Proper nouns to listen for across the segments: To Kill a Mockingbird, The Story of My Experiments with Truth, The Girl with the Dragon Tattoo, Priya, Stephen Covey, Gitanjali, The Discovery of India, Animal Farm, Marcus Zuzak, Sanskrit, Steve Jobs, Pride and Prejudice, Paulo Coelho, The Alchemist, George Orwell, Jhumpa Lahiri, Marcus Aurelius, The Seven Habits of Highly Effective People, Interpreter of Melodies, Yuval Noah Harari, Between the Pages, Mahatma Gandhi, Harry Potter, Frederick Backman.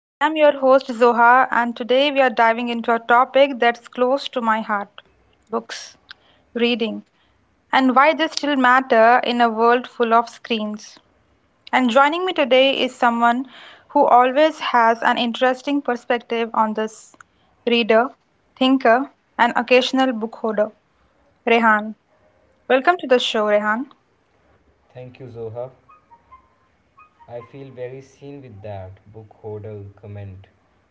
I am your host, Zoha, and today we are diving into a topic that's close to my heart: books, reading, and why they still matter in a world full of screens. And joining me today is someone who always has an interesting perspective on this: reader, thinker, and occasional book holder, Rehan. Welcome to the show, Rehan. Thank you, Zoha. I feel very seen with that book hodl comment,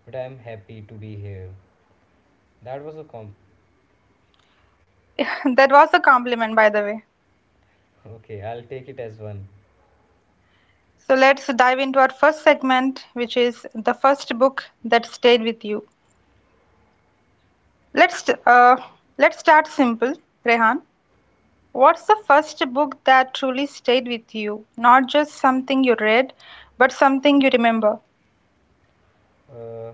but I am happy to be here. That was a comp. That was a compliment, by the way. Okay, I'll take it as one. So let's dive into our first segment, which is the first book that stayed with you. Let's uh, let's start simple, Rehan. What's the first book that truly stayed with you? Not just something you read, but something you remember. Uh,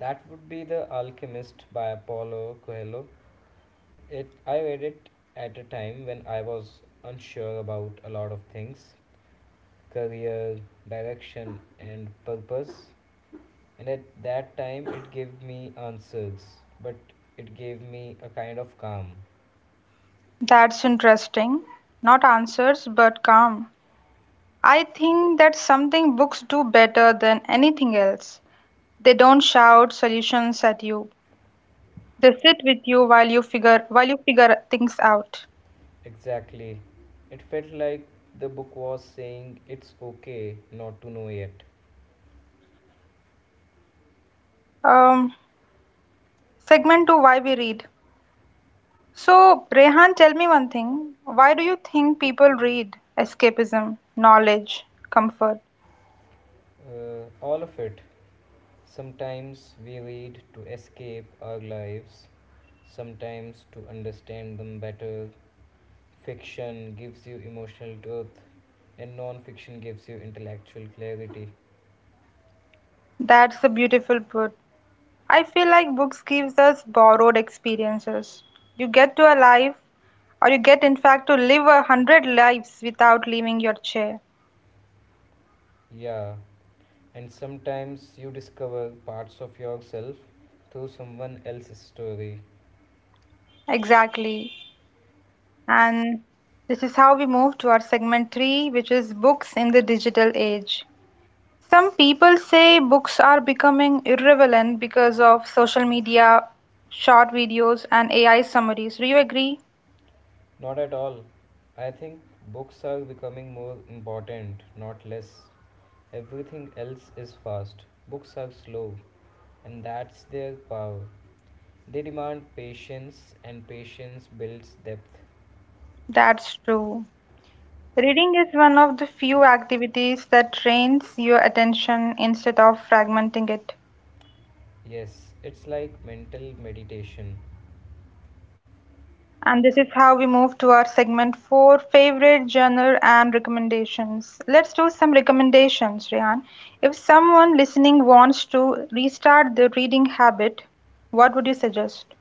that would be The Alchemist by Paulo Coelho. It I read it at a time when I was unsure about a lot of things, career, direction, and purpose. And at that time, it gave me answers, but it gave me a kind of calm. That's interesting. Not answers, but calm. I think that's something books do better than anything else. They don't shout solutions at you. They sit with you while you figure things out. Exactly. It felt like the book was saying it's okay not to know yet. Um, Segment two, why we read. So, Rehan, tell me one thing. Why do you think people read? Escapism, knowledge, comfort. All of it. Sometimes we read to escape our lives, sometimes to understand them better. Fiction gives you emotional truth, and non fiction gives you intellectual clarity. That's a beautiful put. I feel like books gives us borrowed experiences. You get to a life Or you get, in fact, to live a hundred lives without leaving your chair. Yeah, and sometimes you discover parts of yourself through someone else's story. Exactly. And this is how we move to our segment three, which is books in the digital age. Some people say books are becoming irrelevant because of social media, short videos, and AI summaries. Do you agree? Not at all. I think books are becoming more important, not less. Everything else is fast. Books are slow, and that's their power. They demand patience, and patience builds depth. That's true. Reading is one of the few activities that trains your attention instead of fragmenting it. Yes, it's like mental meditation. And this is how we move to our segment four, favorite genre and recommendations. Let's do some recommendations, Rehan. If someone listening wants to restart their reading habit, what would you suggest?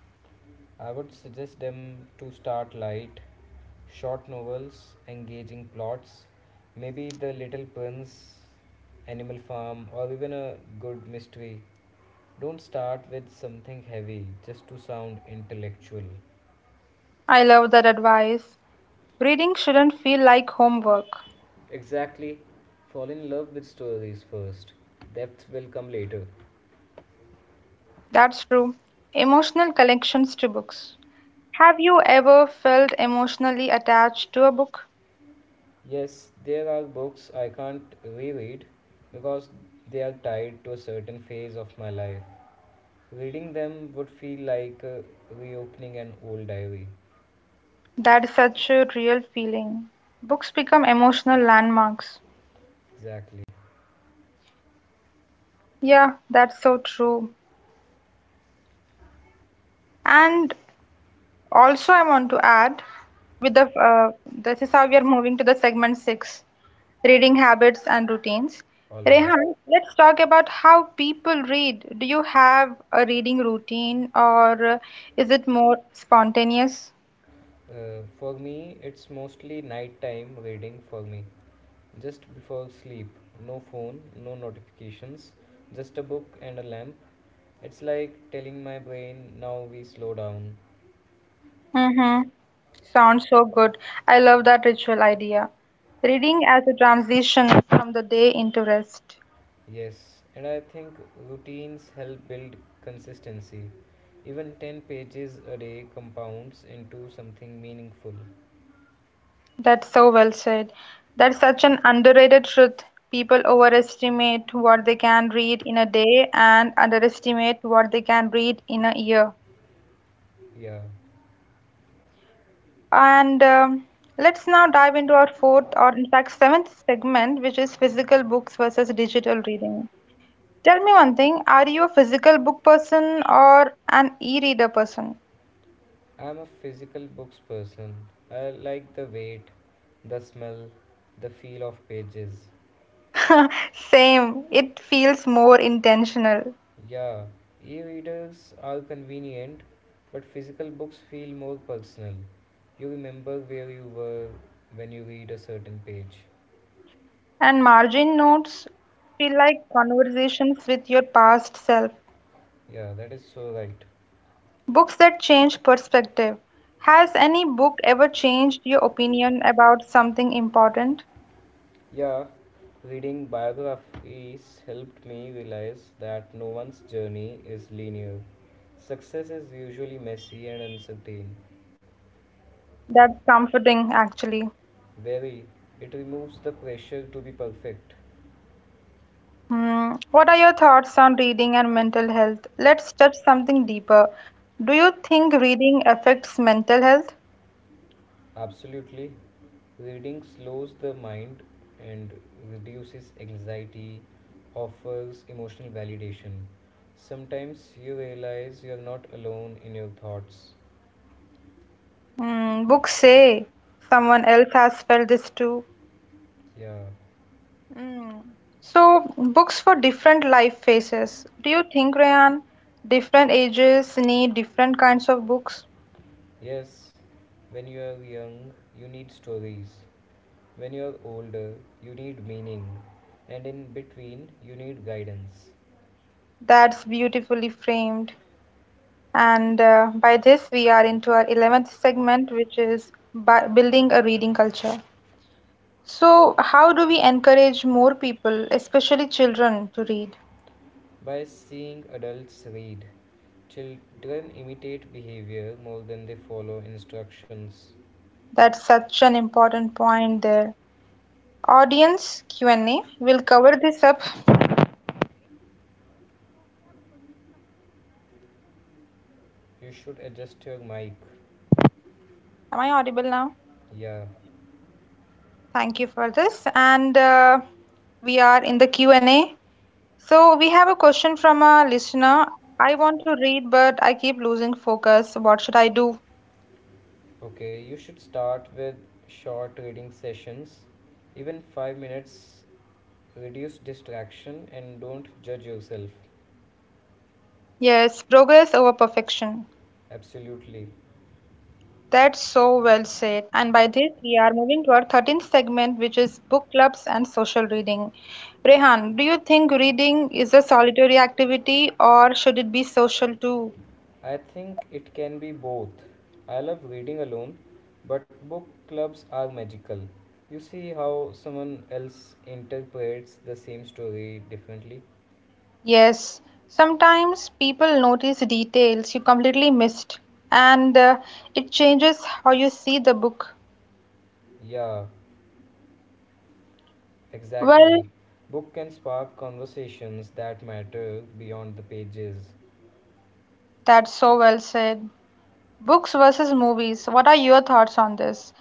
I would suggest them to start light, short novels, engaging plots, maybe The Little Prince, Animal Farm, or even a good mystery. Don't start with something heavy just to sound intellectual. I love that advice. Reading shouldn't feel like homework. Exactly. Fall in love with stories first. Depth will come later. That's true. Emotional connections to books. Have you ever felt emotionally attached to a book? Yes, there are books I can't reread because they are tied to a certain phase of my life. Reading them would feel like reopening an old diary. That's such a real feeling. Books become emotional landmarks. Exactly. Yeah, that's so true. And also, I want to add with the this is how we are moving to the segment six, reading habits and routines. Alright. Rehan, let's talk about how people read. Do you have a reading routine or is it more spontaneous? For me, it's mostly nighttime reading for me. Just before sleep, no phone, no notifications, just a book and a lamp. It's like telling my brain, now we slow down. Mm-hmm. Sounds so good. I love that ritual idea. Reading as a transition from the day into rest. Yes, and I think routines help build consistency. Even 10 pages a day compounds into something meaningful. That's so well said. That's such an underrated truth. People overestimate what they can read in a day and underestimate what they can read in a year. Yeah, And Let's now dive into our fourth, or in fact, seventh segment, which is physical books versus digital reading. Tell me one thing, are you a physical book person or an e-reader person? I'm a physical books person. I like the weight, the smell, the feel of pages. Same, it feels more intentional. Yeah, e readers are convenient, but physical books feel more personal. You remember where you were when you read a certain page. And margin notes feel like conversations with your past self. Yeah, that is so right. Books that change perspective. Has any book ever changed your opinion about something important? Yeah, reading biographies helped me realize that no one's journey is linear. Success is usually messy and uncertain. That's comforting, actually. Very, it removes the pressure to be perfect. Hmm. What are your thoughts on reading and mental health? Let's touch something deeper. Do you think reading affects mental health? Absolutely. Reading slows the mind and reduces anxiety, offers emotional validation. Sometimes you realize you're not alone in your thoughts. Hmm. Books say someone else has felt this too. Yeah. Mm. So, books for different life phases. Do you think, Rayan, different ages need different kinds of books? Yes, when you are young, you need stories. When you are older, you need meaning. And in between, you need guidance. That's beautifully framed. And By this, we are into our 11th segment, which is building a reading culture. So, how do we encourage more people, especially children, to read? By seeing adults read, children imitate behavior more than they follow instructions. That's such an important point there. Audience Q&A will cover this up. You should adjust your mic. Am I audible now? Yeah. Thank you for this. And We are in the Q&A. So we have a question from a listener. I want to read, but I keep losing focus. What should I do? Okay, you should start with short reading sessions. Even 5 minutes reduce distraction and don't judge yourself. Yes, progress over perfection. Absolutely. That's so well said. And by this, we are moving to our 13th segment, which is book clubs and social reading. Rehan, do you think reading is a solitary activity or should it be social too? I think it can be both. I love reading alone, but book clubs are magical. You see how someone else interprets the same story differently? Yes, sometimes people notice details you completely missed, and it changes how you see the book. Yeah, Well, exactly. Book can spark conversations that matter beyond the pages. that's so well said. Books versus movies. What are your thoughts on this?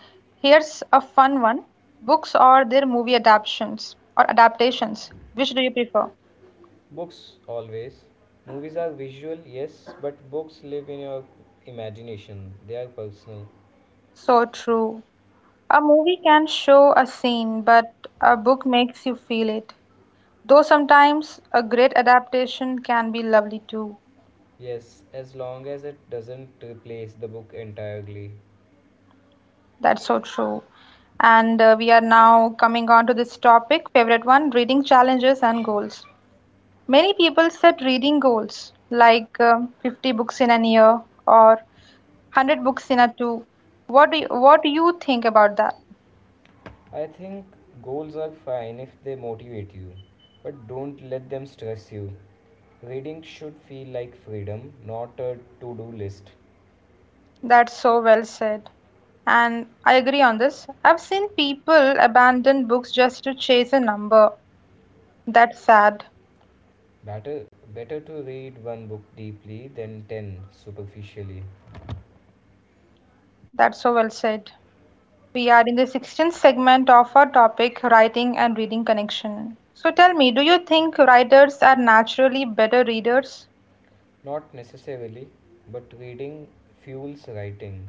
Here's a fun one. Books or their movie adaptations or adaptations. Which do you prefer? Books always. Movies are visual, yes, but books live in your imagination. They are personal. So true. A movie can show a scene, but a book makes you feel it. Though sometimes a great adaptation can be lovely too. Yes, as long as it doesn't replace the book entirely. That's so true. And We are now coming on to this topic, favorite one, reading challenges and goals. Many people set reading goals like 50 books in a year or 100 books in a two. What do you think about that? I think goals are fine if they motivate you, but don't let them stress you. Reading should feel like freedom, not a to-do list. That's so well said. And I agree on this. I've seen people abandon books just to chase a number. That's sad. Better to read one book deeply than 10 superficially. That's so well said. We are in the 16th segment of our topic writing and reading connection. So tell me, do you think writers are naturally better readers? Not necessarily, but reading fuels writing.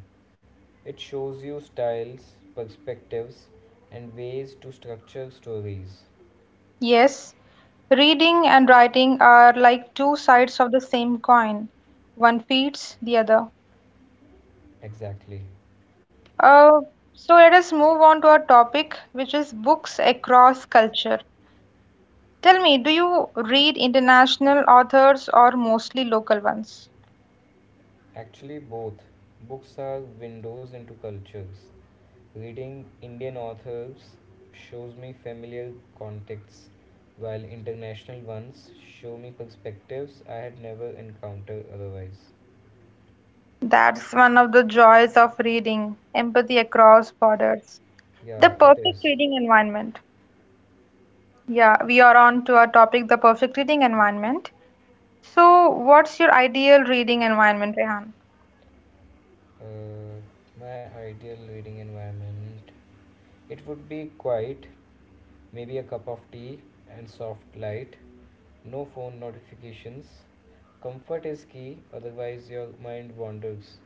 It shows you styles, perspectives, and ways to structure stories. Yes. Reading and writing are like two sides of the same coin. One feeds the other. Exactly. Uh, so let us move on to our topic, which is books across culture. Tell me, do you read international authors or mostly local ones? Actually, both. Books are windows into cultures. Reading Indian authors shows me familiar contexts, while international ones show me perspectives I had never encountered otherwise. That's one of the joys of reading, empathy across borders. The Yeah, it perfect is. reading environment. Yeah, we are on to our topic, the perfect reading environment. So, what's your ideal reading environment, Rehan? Uh, my ideal reading environment. It would be quiet, maybe a cup of tea and soft light, no phone notifications. Comfort is key, otherwise, your mind wanders.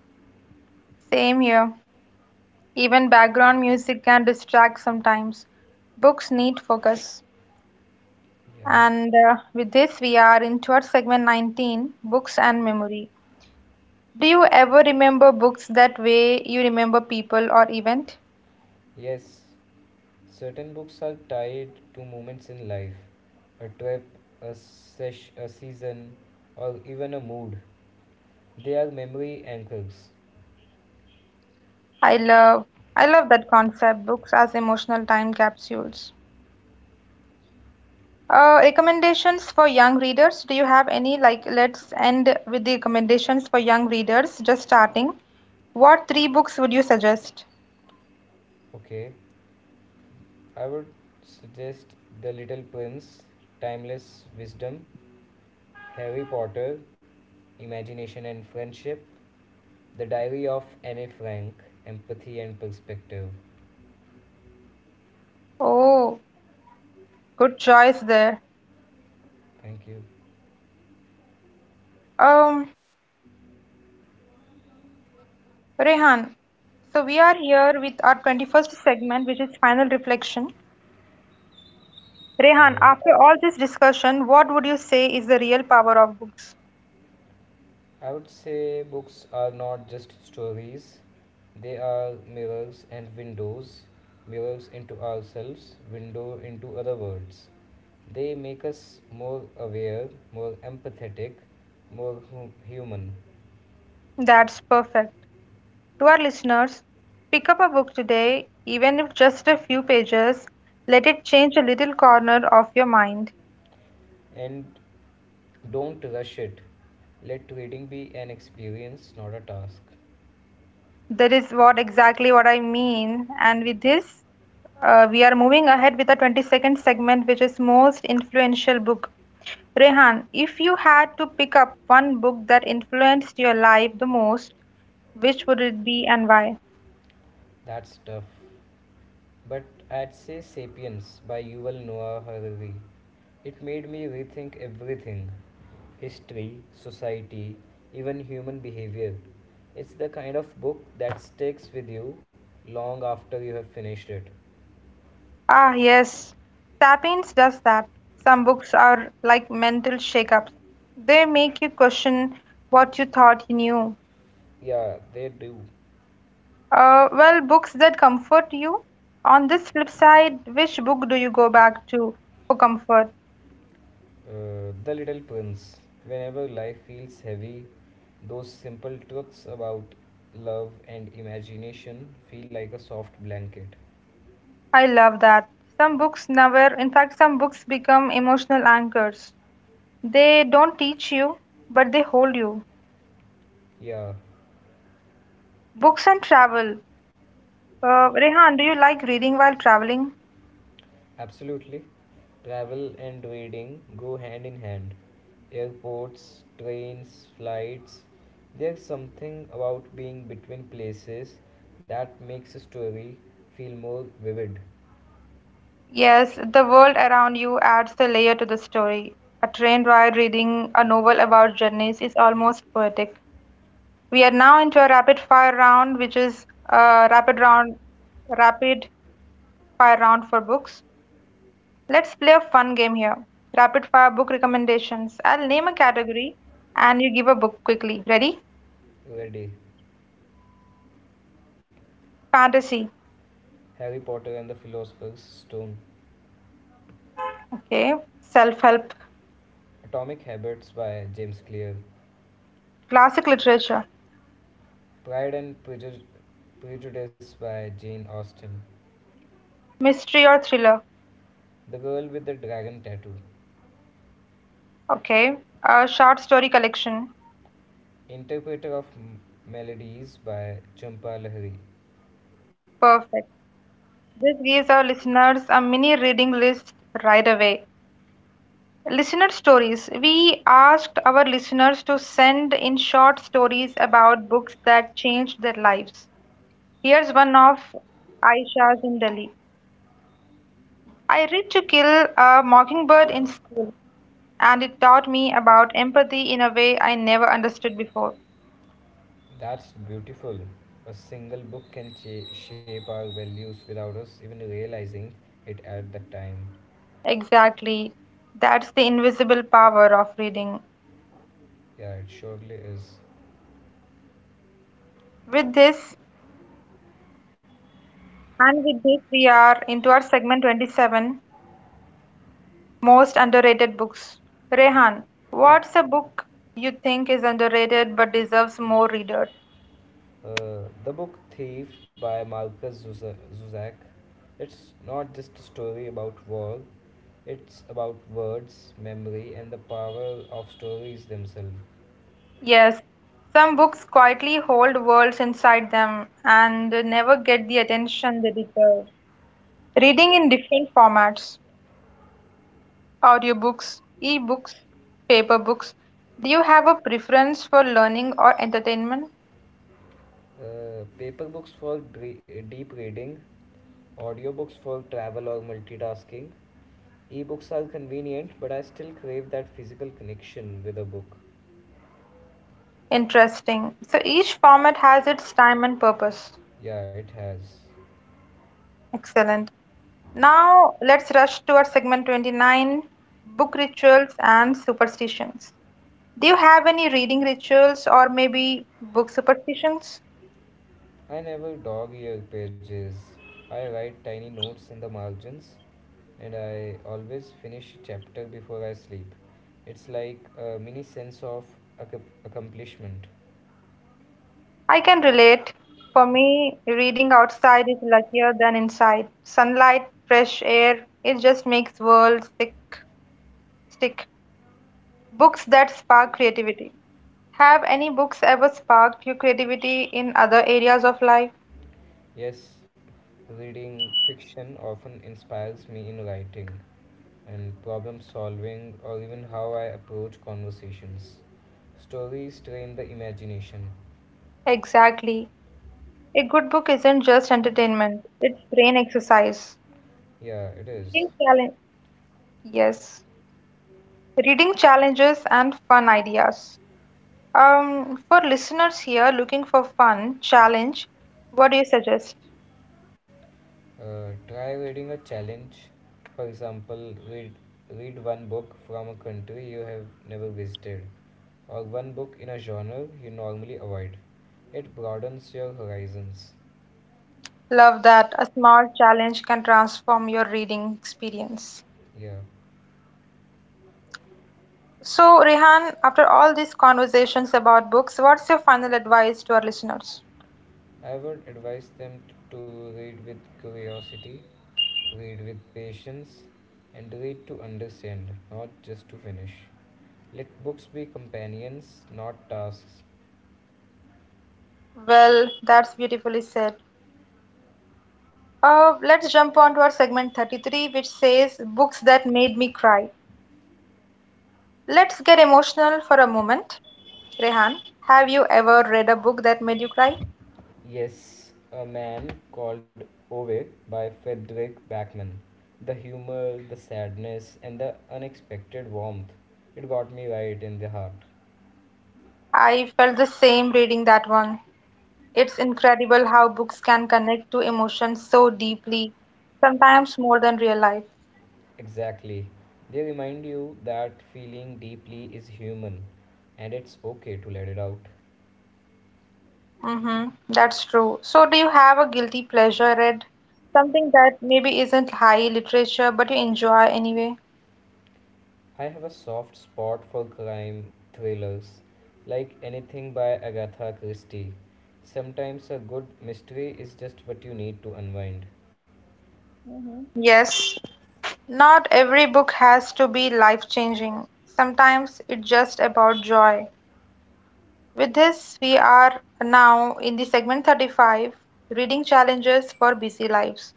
Same here. Even background music can distract sometimes. Books need focus. Yeah. And With this, we are into our segment 19, books and memory. Do you ever remember books that way you remember people or event? Yes, certain books are tied to moments in life a trip, a season, or even a mood. They are memory anchors. I love I love that concept, books as emotional time capsules. Recommendations for young readers. Do you have any? Like, let's end with the recommendations for young readers just starting. What three books would you suggest? Okay. I would suggest The Little Prince, Timeless Wisdom, Harry Potter, Imagination and Friendship, The Diary of Anne Frank, Empathy and Perspective. Oh, good choice there. Thank you. Um, Rehan, so we are here with our 21st segment, which is final reflection. All Rehan, right. after all this discussion, what would you say is the real power of books? I would say books are not just stories, they are mirrors and windows, mirrors into ourselves, window into other worlds. They make us more aware, more empathetic, more human. That's perfect. To our listeners, pick up a book today, even if just a few pages. Let it change a little corner of your mind. And don't rush it. Let reading be an experience, not a task. That is what exactly what I mean. And with this, we are moving ahead with the 22nd segment, which is most influential book. Rehan, if you had to pick up one book that influenced your life the most, which would it be and why? That's tough. But I'd say Sapiens by Yuval Noah Harari. It made me rethink everything history, society, even human behavior. It's the kind of book that sticks with you long after you have finished it. Ah, yes. Sapiens does that. Some books are like mental shakeups. They make you question what you thought you knew. Yeah, they do. Well, books that comfort you. On this flip side, which book do you go back to for comfort? The little prince. Whenever life feels heavy, those simple truths about love and imagination feel like a soft blanket. I love that. Some books never, in fact, some books become emotional anchors. They don't teach you, but they hold you. Yeah, Books and travel. Rehan, do you like reading while traveling? absolutely. Travel and reading go hand in hand. Airports, trains, flights. There's something about being between places that makes a story feel more vivid. Yes, the world around you adds the layer to the story. A train ride reading a novel about journeys is almost poetic. We are now into a rapid fire round, which is a rapid round, rapid fire round for books. Let's play a fun game here. Rapid fire book recommendations. I'll name a category and you give a book quickly. Ready? Ready. Fantasy. Harry Potter and the Philosopher's Stone. Okay. Self-help. Atomic Habits by James Clear, Classic literature. Pride and Prejudice by Jane Austen, Mystery or thriller. The Girl with the Dragon Tattoo, Okay. A short story collection. Interpreter of Melodies by Jhumpa Lahiri. Perfect. This gives our listeners a mini reading list right away. Listener stories. We asked our listeners to send in short stories about books that changed their lives. Here's one of Aisha's in Delhi. I read To Kill a Mockingbird in school, and it taught me about empathy in a way I never understood before. That's beautiful. A single book can shape our values without us even realizing it at the time. Exactly. That's the invisible power of reading. Yeah, it surely is. With this, with this, we are into our segment 27, most underrated books. Rehan, what's a book you think is underrated but deserves more readers? The book Thief by Marcus Zuzak. It's not just a story about war, it's about words, memory, and the power of stories themselves. Yes, some books quietly hold worlds inside them and never get the attention they deserve. Reading Yeah. in different formats, audiobooks, e-books, paper books. Do you have a preference for learning or entertainment? Paper books for deep reading, audiobooks for travel or multitasking. Ebooks are convenient, but I still crave that physical connection with a book. Interesting. So each format has its time and purpose. Yeah, it has. Excellent. Now, let's rush to our segment 29, book rituals and superstitions. Do you have any reading rituals or maybe book superstitions? I never dog ear pages. I write tiny notes in the margins and I always finish a chapter before I sleep. It's like a mini sense of accomplishment. I can relate. For me, reading outside is luckier than inside. Sunlight, fresh air, it just makes world sick stick. Books that spark creativity. Have any books ever sparked your creativity in other areas of life? Yes, reading fiction often inspires me in writing and problem solving or even how I approach conversations. Stories train the imagination. Exactly. A good book isn't just entertainment, it's brain exercise. Yeah, it is. Reading challenge. Yes, reading challenges and fun ideas. For listeners here looking for fun challenge, what do you suggest? Try reading a challenge. For example, read one book from a country you have never visited, or one book in a genre you normally avoid. It broadens your horizons. Love that, a small challenge can transform your reading experience. Yeah, So, Rehan, after all these conversations about books, what's your final advice to our listeners? I would advise them to read with curiosity, read with patience, and read to understand, not just to finish. Let books be companions, not tasks. Well, that's beautifully said. Let's jump on to our segment 33, which says books that made me cry. Let's get emotional for a moment. Rehan, have you ever read a book that made you cry? Yes, A Man Called Ove by Frederick Backman. The humor, the sadness, and the unexpected warmth. It got me right in the heart. I felt the same reading that one. It's incredible how books can connect to emotions so deeply, sometimes more than real life. Exactly. They remind you that feeling deeply is human and it's okay to let it out. Mm-hmm, that's true. So, do you have a guilty pleasure read? Something that maybe isn't high literature, but you enjoy anyway? I have a soft spot for crime thrillers, like anything by Agatha Christie. Sometimes a good mystery is just what you need to unwind. Yes, not every book has to be life-changing. Sometimes it's just about joy. With this, we are now in the segment 35, Reading Challenges for Busy Lives.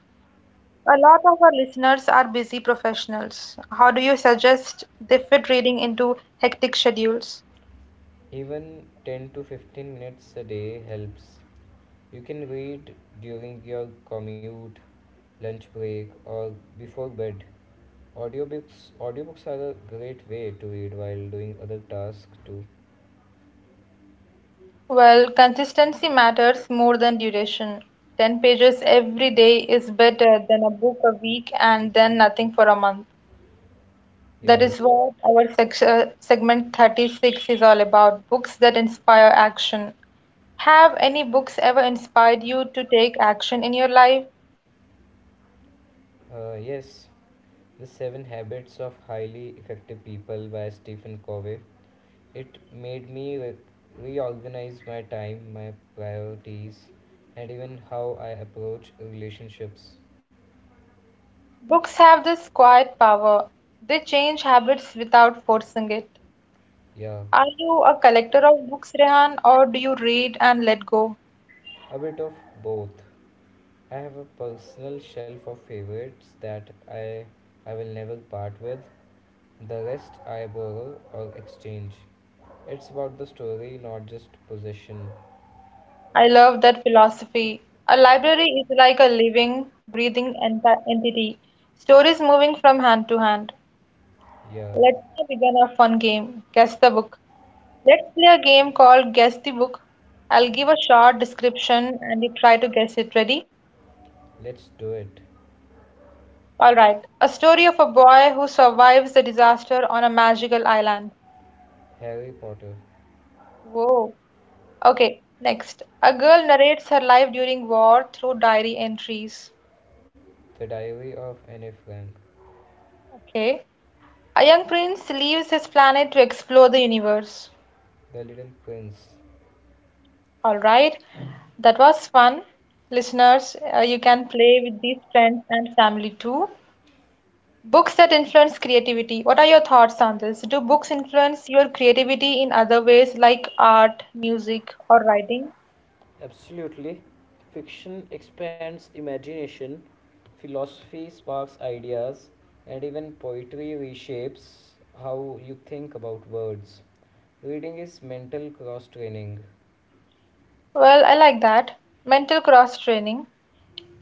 A lot of our listeners are busy professionals. How do you suggest they fit reading into hectic schedules? Even 10 to 15 minutes a day helps. You can read during your commute, lunch break, or before bed. Audiobooks are a great way to read while doing other tasks too. Well, consistency matters more than duration. 10 pages every day is better than a book a week and then nothing for a month. That Yeah, you is what our section, segment 36 is all about, books that inspire action. Have any books ever inspired you to take action in your life? Yes. The Seven Habits of Highly Effective People by Stephen Covey. It made me reorganize my time, my priorities, and even how I approach relationships. Books have this quiet power. They change habits without forcing it. Yeah, Are you a collector of books, Rehan, or do you read and let go? a bit of both. I have a personal shelf of favorites that I will never part with. The rest I borrow or exchange. It's about the story, not just possession. I love that philosophy. A library is like a living, breathing entity. Stories moving from hand to hand. Yeah, Let's now begin a fun game, Guess the Book. Let's play a game called Guess the Book. I'll give a short description and you try to guess it. Ready? let's do it. All right. A story of a boy who survives the disaster on a magical island. Harry Potter. Whoa. Okay, next. A girl narrates her life during war through diary entries. The Diary of Anne Frank. Okay. A young prince leaves his planet to explore the universe. The Little Prince. All right. That was fun. Listeners, you can play with these friends and family too. Books that influence creativity. What are your thoughts on this? Do books influence your creativity in other ways like art, music, or writing? Absolutely. Fiction expands imagination, philosophy sparks ideas, and even poetry reshapes how you think about words. Reading is mental cross training. Well, I like that. Mental cross-training.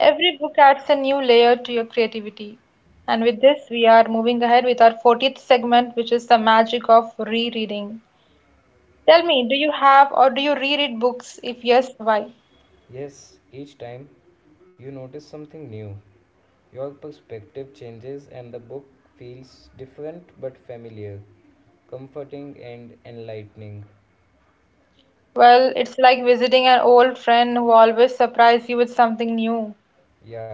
Every book adds a new layer to your creativity. And with this, we are moving ahead with our 40th segment, which is the magic of rereading. Tell me, do you have or do you reread books? If yes, why? Yes, each time you notice something new, your perspective changes, and the book feels different but familiar, comforting, and enlightening. Well, it's like visiting an old friend who always surprises you with something new. Yeah,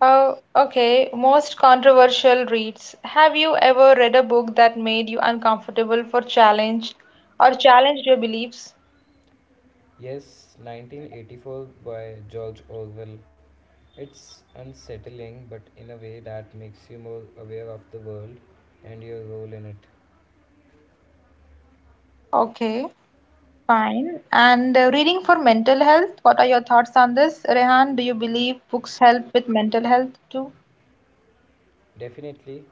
Oh, okay. Most controversial reads. Have you ever read a book that made you uncomfortable for challenge or challenged your beliefs? yes, 1984 by George Orwell. It's unsettling, but in a way that makes you more aware of the world and your role in it. Okay. Fine. And reading for mental health, what are your thoughts on this? Rehan, do you believe books help with mental health too? Definitely,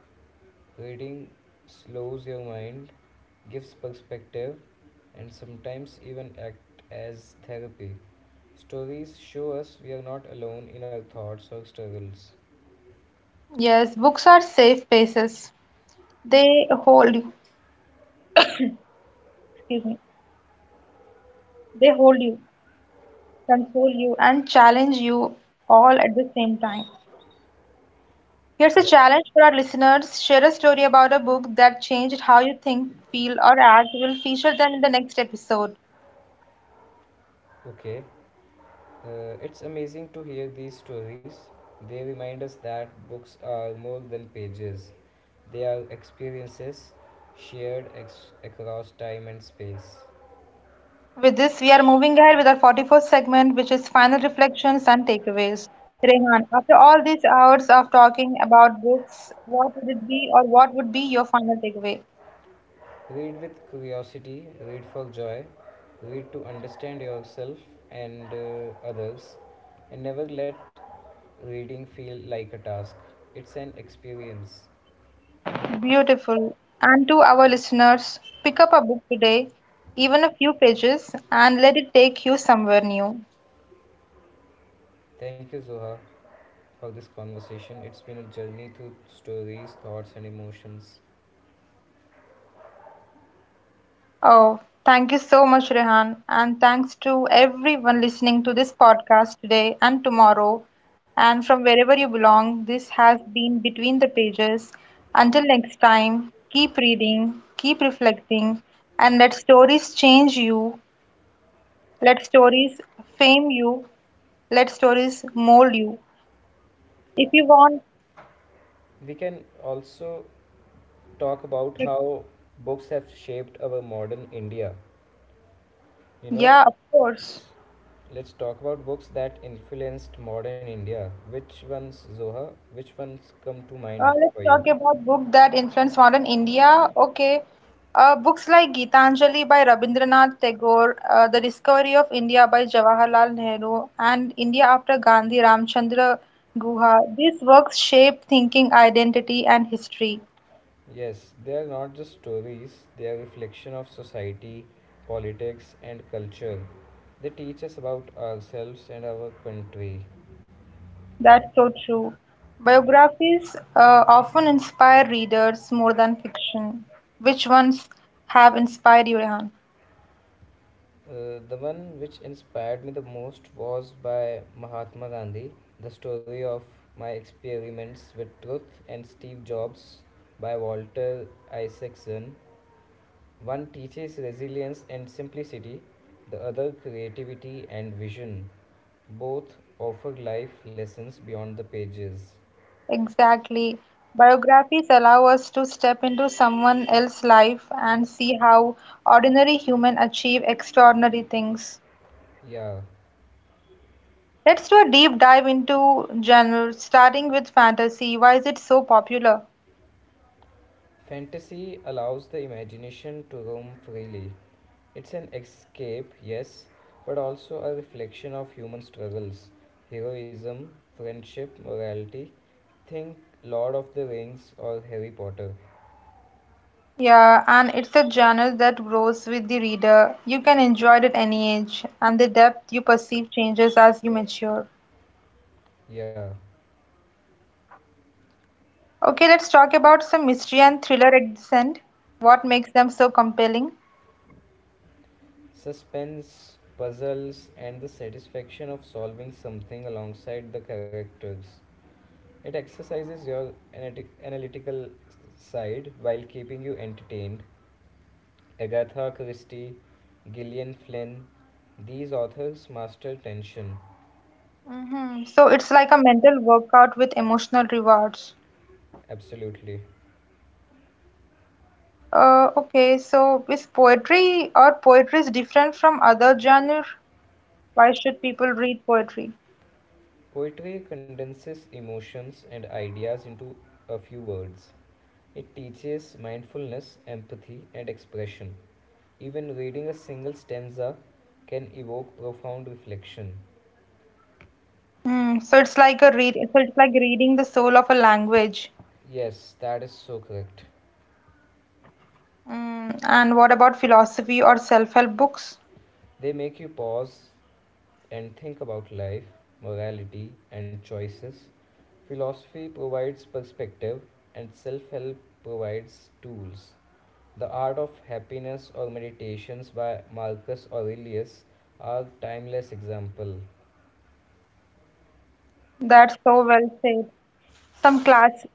reading slows your mind, gives perspective, and sometimes even act as therapy. Stories show us we are not alone in our thoughts or struggles. Yes, books are safe spaces. They hold you, excuse me, they hold you, console you, and challenge you all at the same time. Here's a Yeah, challenge for our listeners. Share a story about a book that changed how you think, feel, or act. We'll feature them in the next episode. okay. It's amazing to hear these stories. They remind us that books are more than pages, they are experiences shared across time and space. With this, we are moving ahead with our 44th segment, which is final reflections and takeaways. Rehan, after all these hours of talking about books, what would it be or what would be your final takeaway? Read with curiosity, read for joy, read to understand yourself and others, and never let reading feel like a task. It's an experience. Beautiful. And to our listeners, pick up a book today, even a few pages, and let it take you somewhere new. Thank you. Zoha, for this conversation. It's been a journey through stories, thoughts, and emotions. Oh, thank you so much, Rehan. And thanks to everyone listening to this podcast today and tomorrow. And from wherever you belong, this has been Between the Pages. Until next time, keep reading, keep reflecting, and let stories change you, let stories fame you, let stories mold you. If you want, We can also talk about how books have shaped our modern India. You know, yeah, of course. let's, let's talk about books that influenced modern India. Which ones, Zoha? Which ones come to mind Let's for you? talk about book that influenced modern India. Okay. Books like Gitanjali by Rabindranath Tagore, The Discovery of India by Jawaharlal Nehru, and India After Gandhi, Ramchandra Guha. These works shape thinking, identity, and history. Yes, they are not just stories, they are reflection of society, politics, and culture. They teach us about ourselves and our country. That's so true. Biographies often inspire readers more than fiction. Which ones have inspired you, Rehan? The one which inspired me the most was by Mahatma Gandhi, The Story of My Experiments with Truth, and Steve Jobs by Walter Isaacson. One teaches resilience and simplicity, the other creativity and vision. Both offer life lessons beyond the pages. Exactly. Biographies allow us to step into someone else's life and see how ordinary humans achieve extraordinary things. Yeah, Let's do a deep dive into genres, starting with fantasy. Why is it so popular? fantasy allows the imagination to roam freely, It's an escape, yes, but also a reflection of human struggles, heroism, friendship, morality. Think Lord of the Rings or Harry Potter. Yeah, and it's a genre that grows with the reader. You can enjoy it at any age, and the depth you perceive changes as you mature. Yeah, Okay, let's talk about some mystery and thriller at the end. What makes them so compelling? suspense, puzzles, and the satisfaction of solving something alongside the characters. It exercises your analytic- analytical side while keeping you entertained. Agatha Christie, Gillian Flynn, these authors master tension. Hmm. So it's like a mental workout with emotional rewards. Absolutely. Okay, so is poetry or poetry is different from other genre? Why should people read poetry? Poetry condenses emotions and ideas into a few words. It teaches mindfulness, empathy, and expression. Even reading a single stanza can evoke profound reflection. Mm, so it's like reading the soul of a language. Yes, that is so correct. Mm, and what about philosophy or self-help books? They make you pause and think about life, morality, and choices. Philosophy provides perspective, and self help provides tools. The Art of Happiness or Meditations by Marcus Aurelius are timeless example. That's so well said. Some class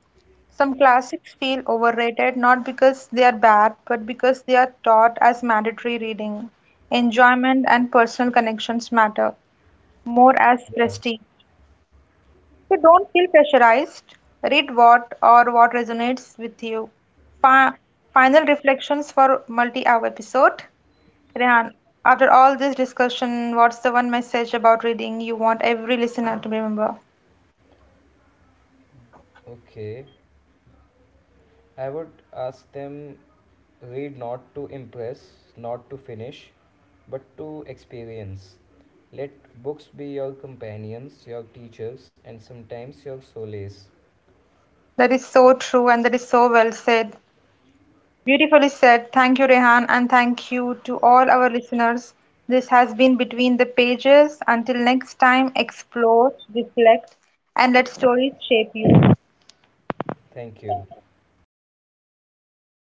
some classics feel overrated not because they are bad, but because they are taught as mandatory reading. Enjoyment and personal connections matter more as Yeah. prestige. So don't feel pressurized. Read what resonates with you. Fi- Final reflections for multi-hour episode. Rehan, after all this discussion, what's the one message about reading you want every listener to remember? Okay. I would ask them read not to impress, not to finish, but to experience. Let books be your companions, your teachers, and sometimes your solace. That is so true and that is so well said. Beautifully said. Thank you, Rehan, and thank you to all our listeners. This has been Between the Pages. Until next time, explore, reflect, and let stories shape you. Thank you.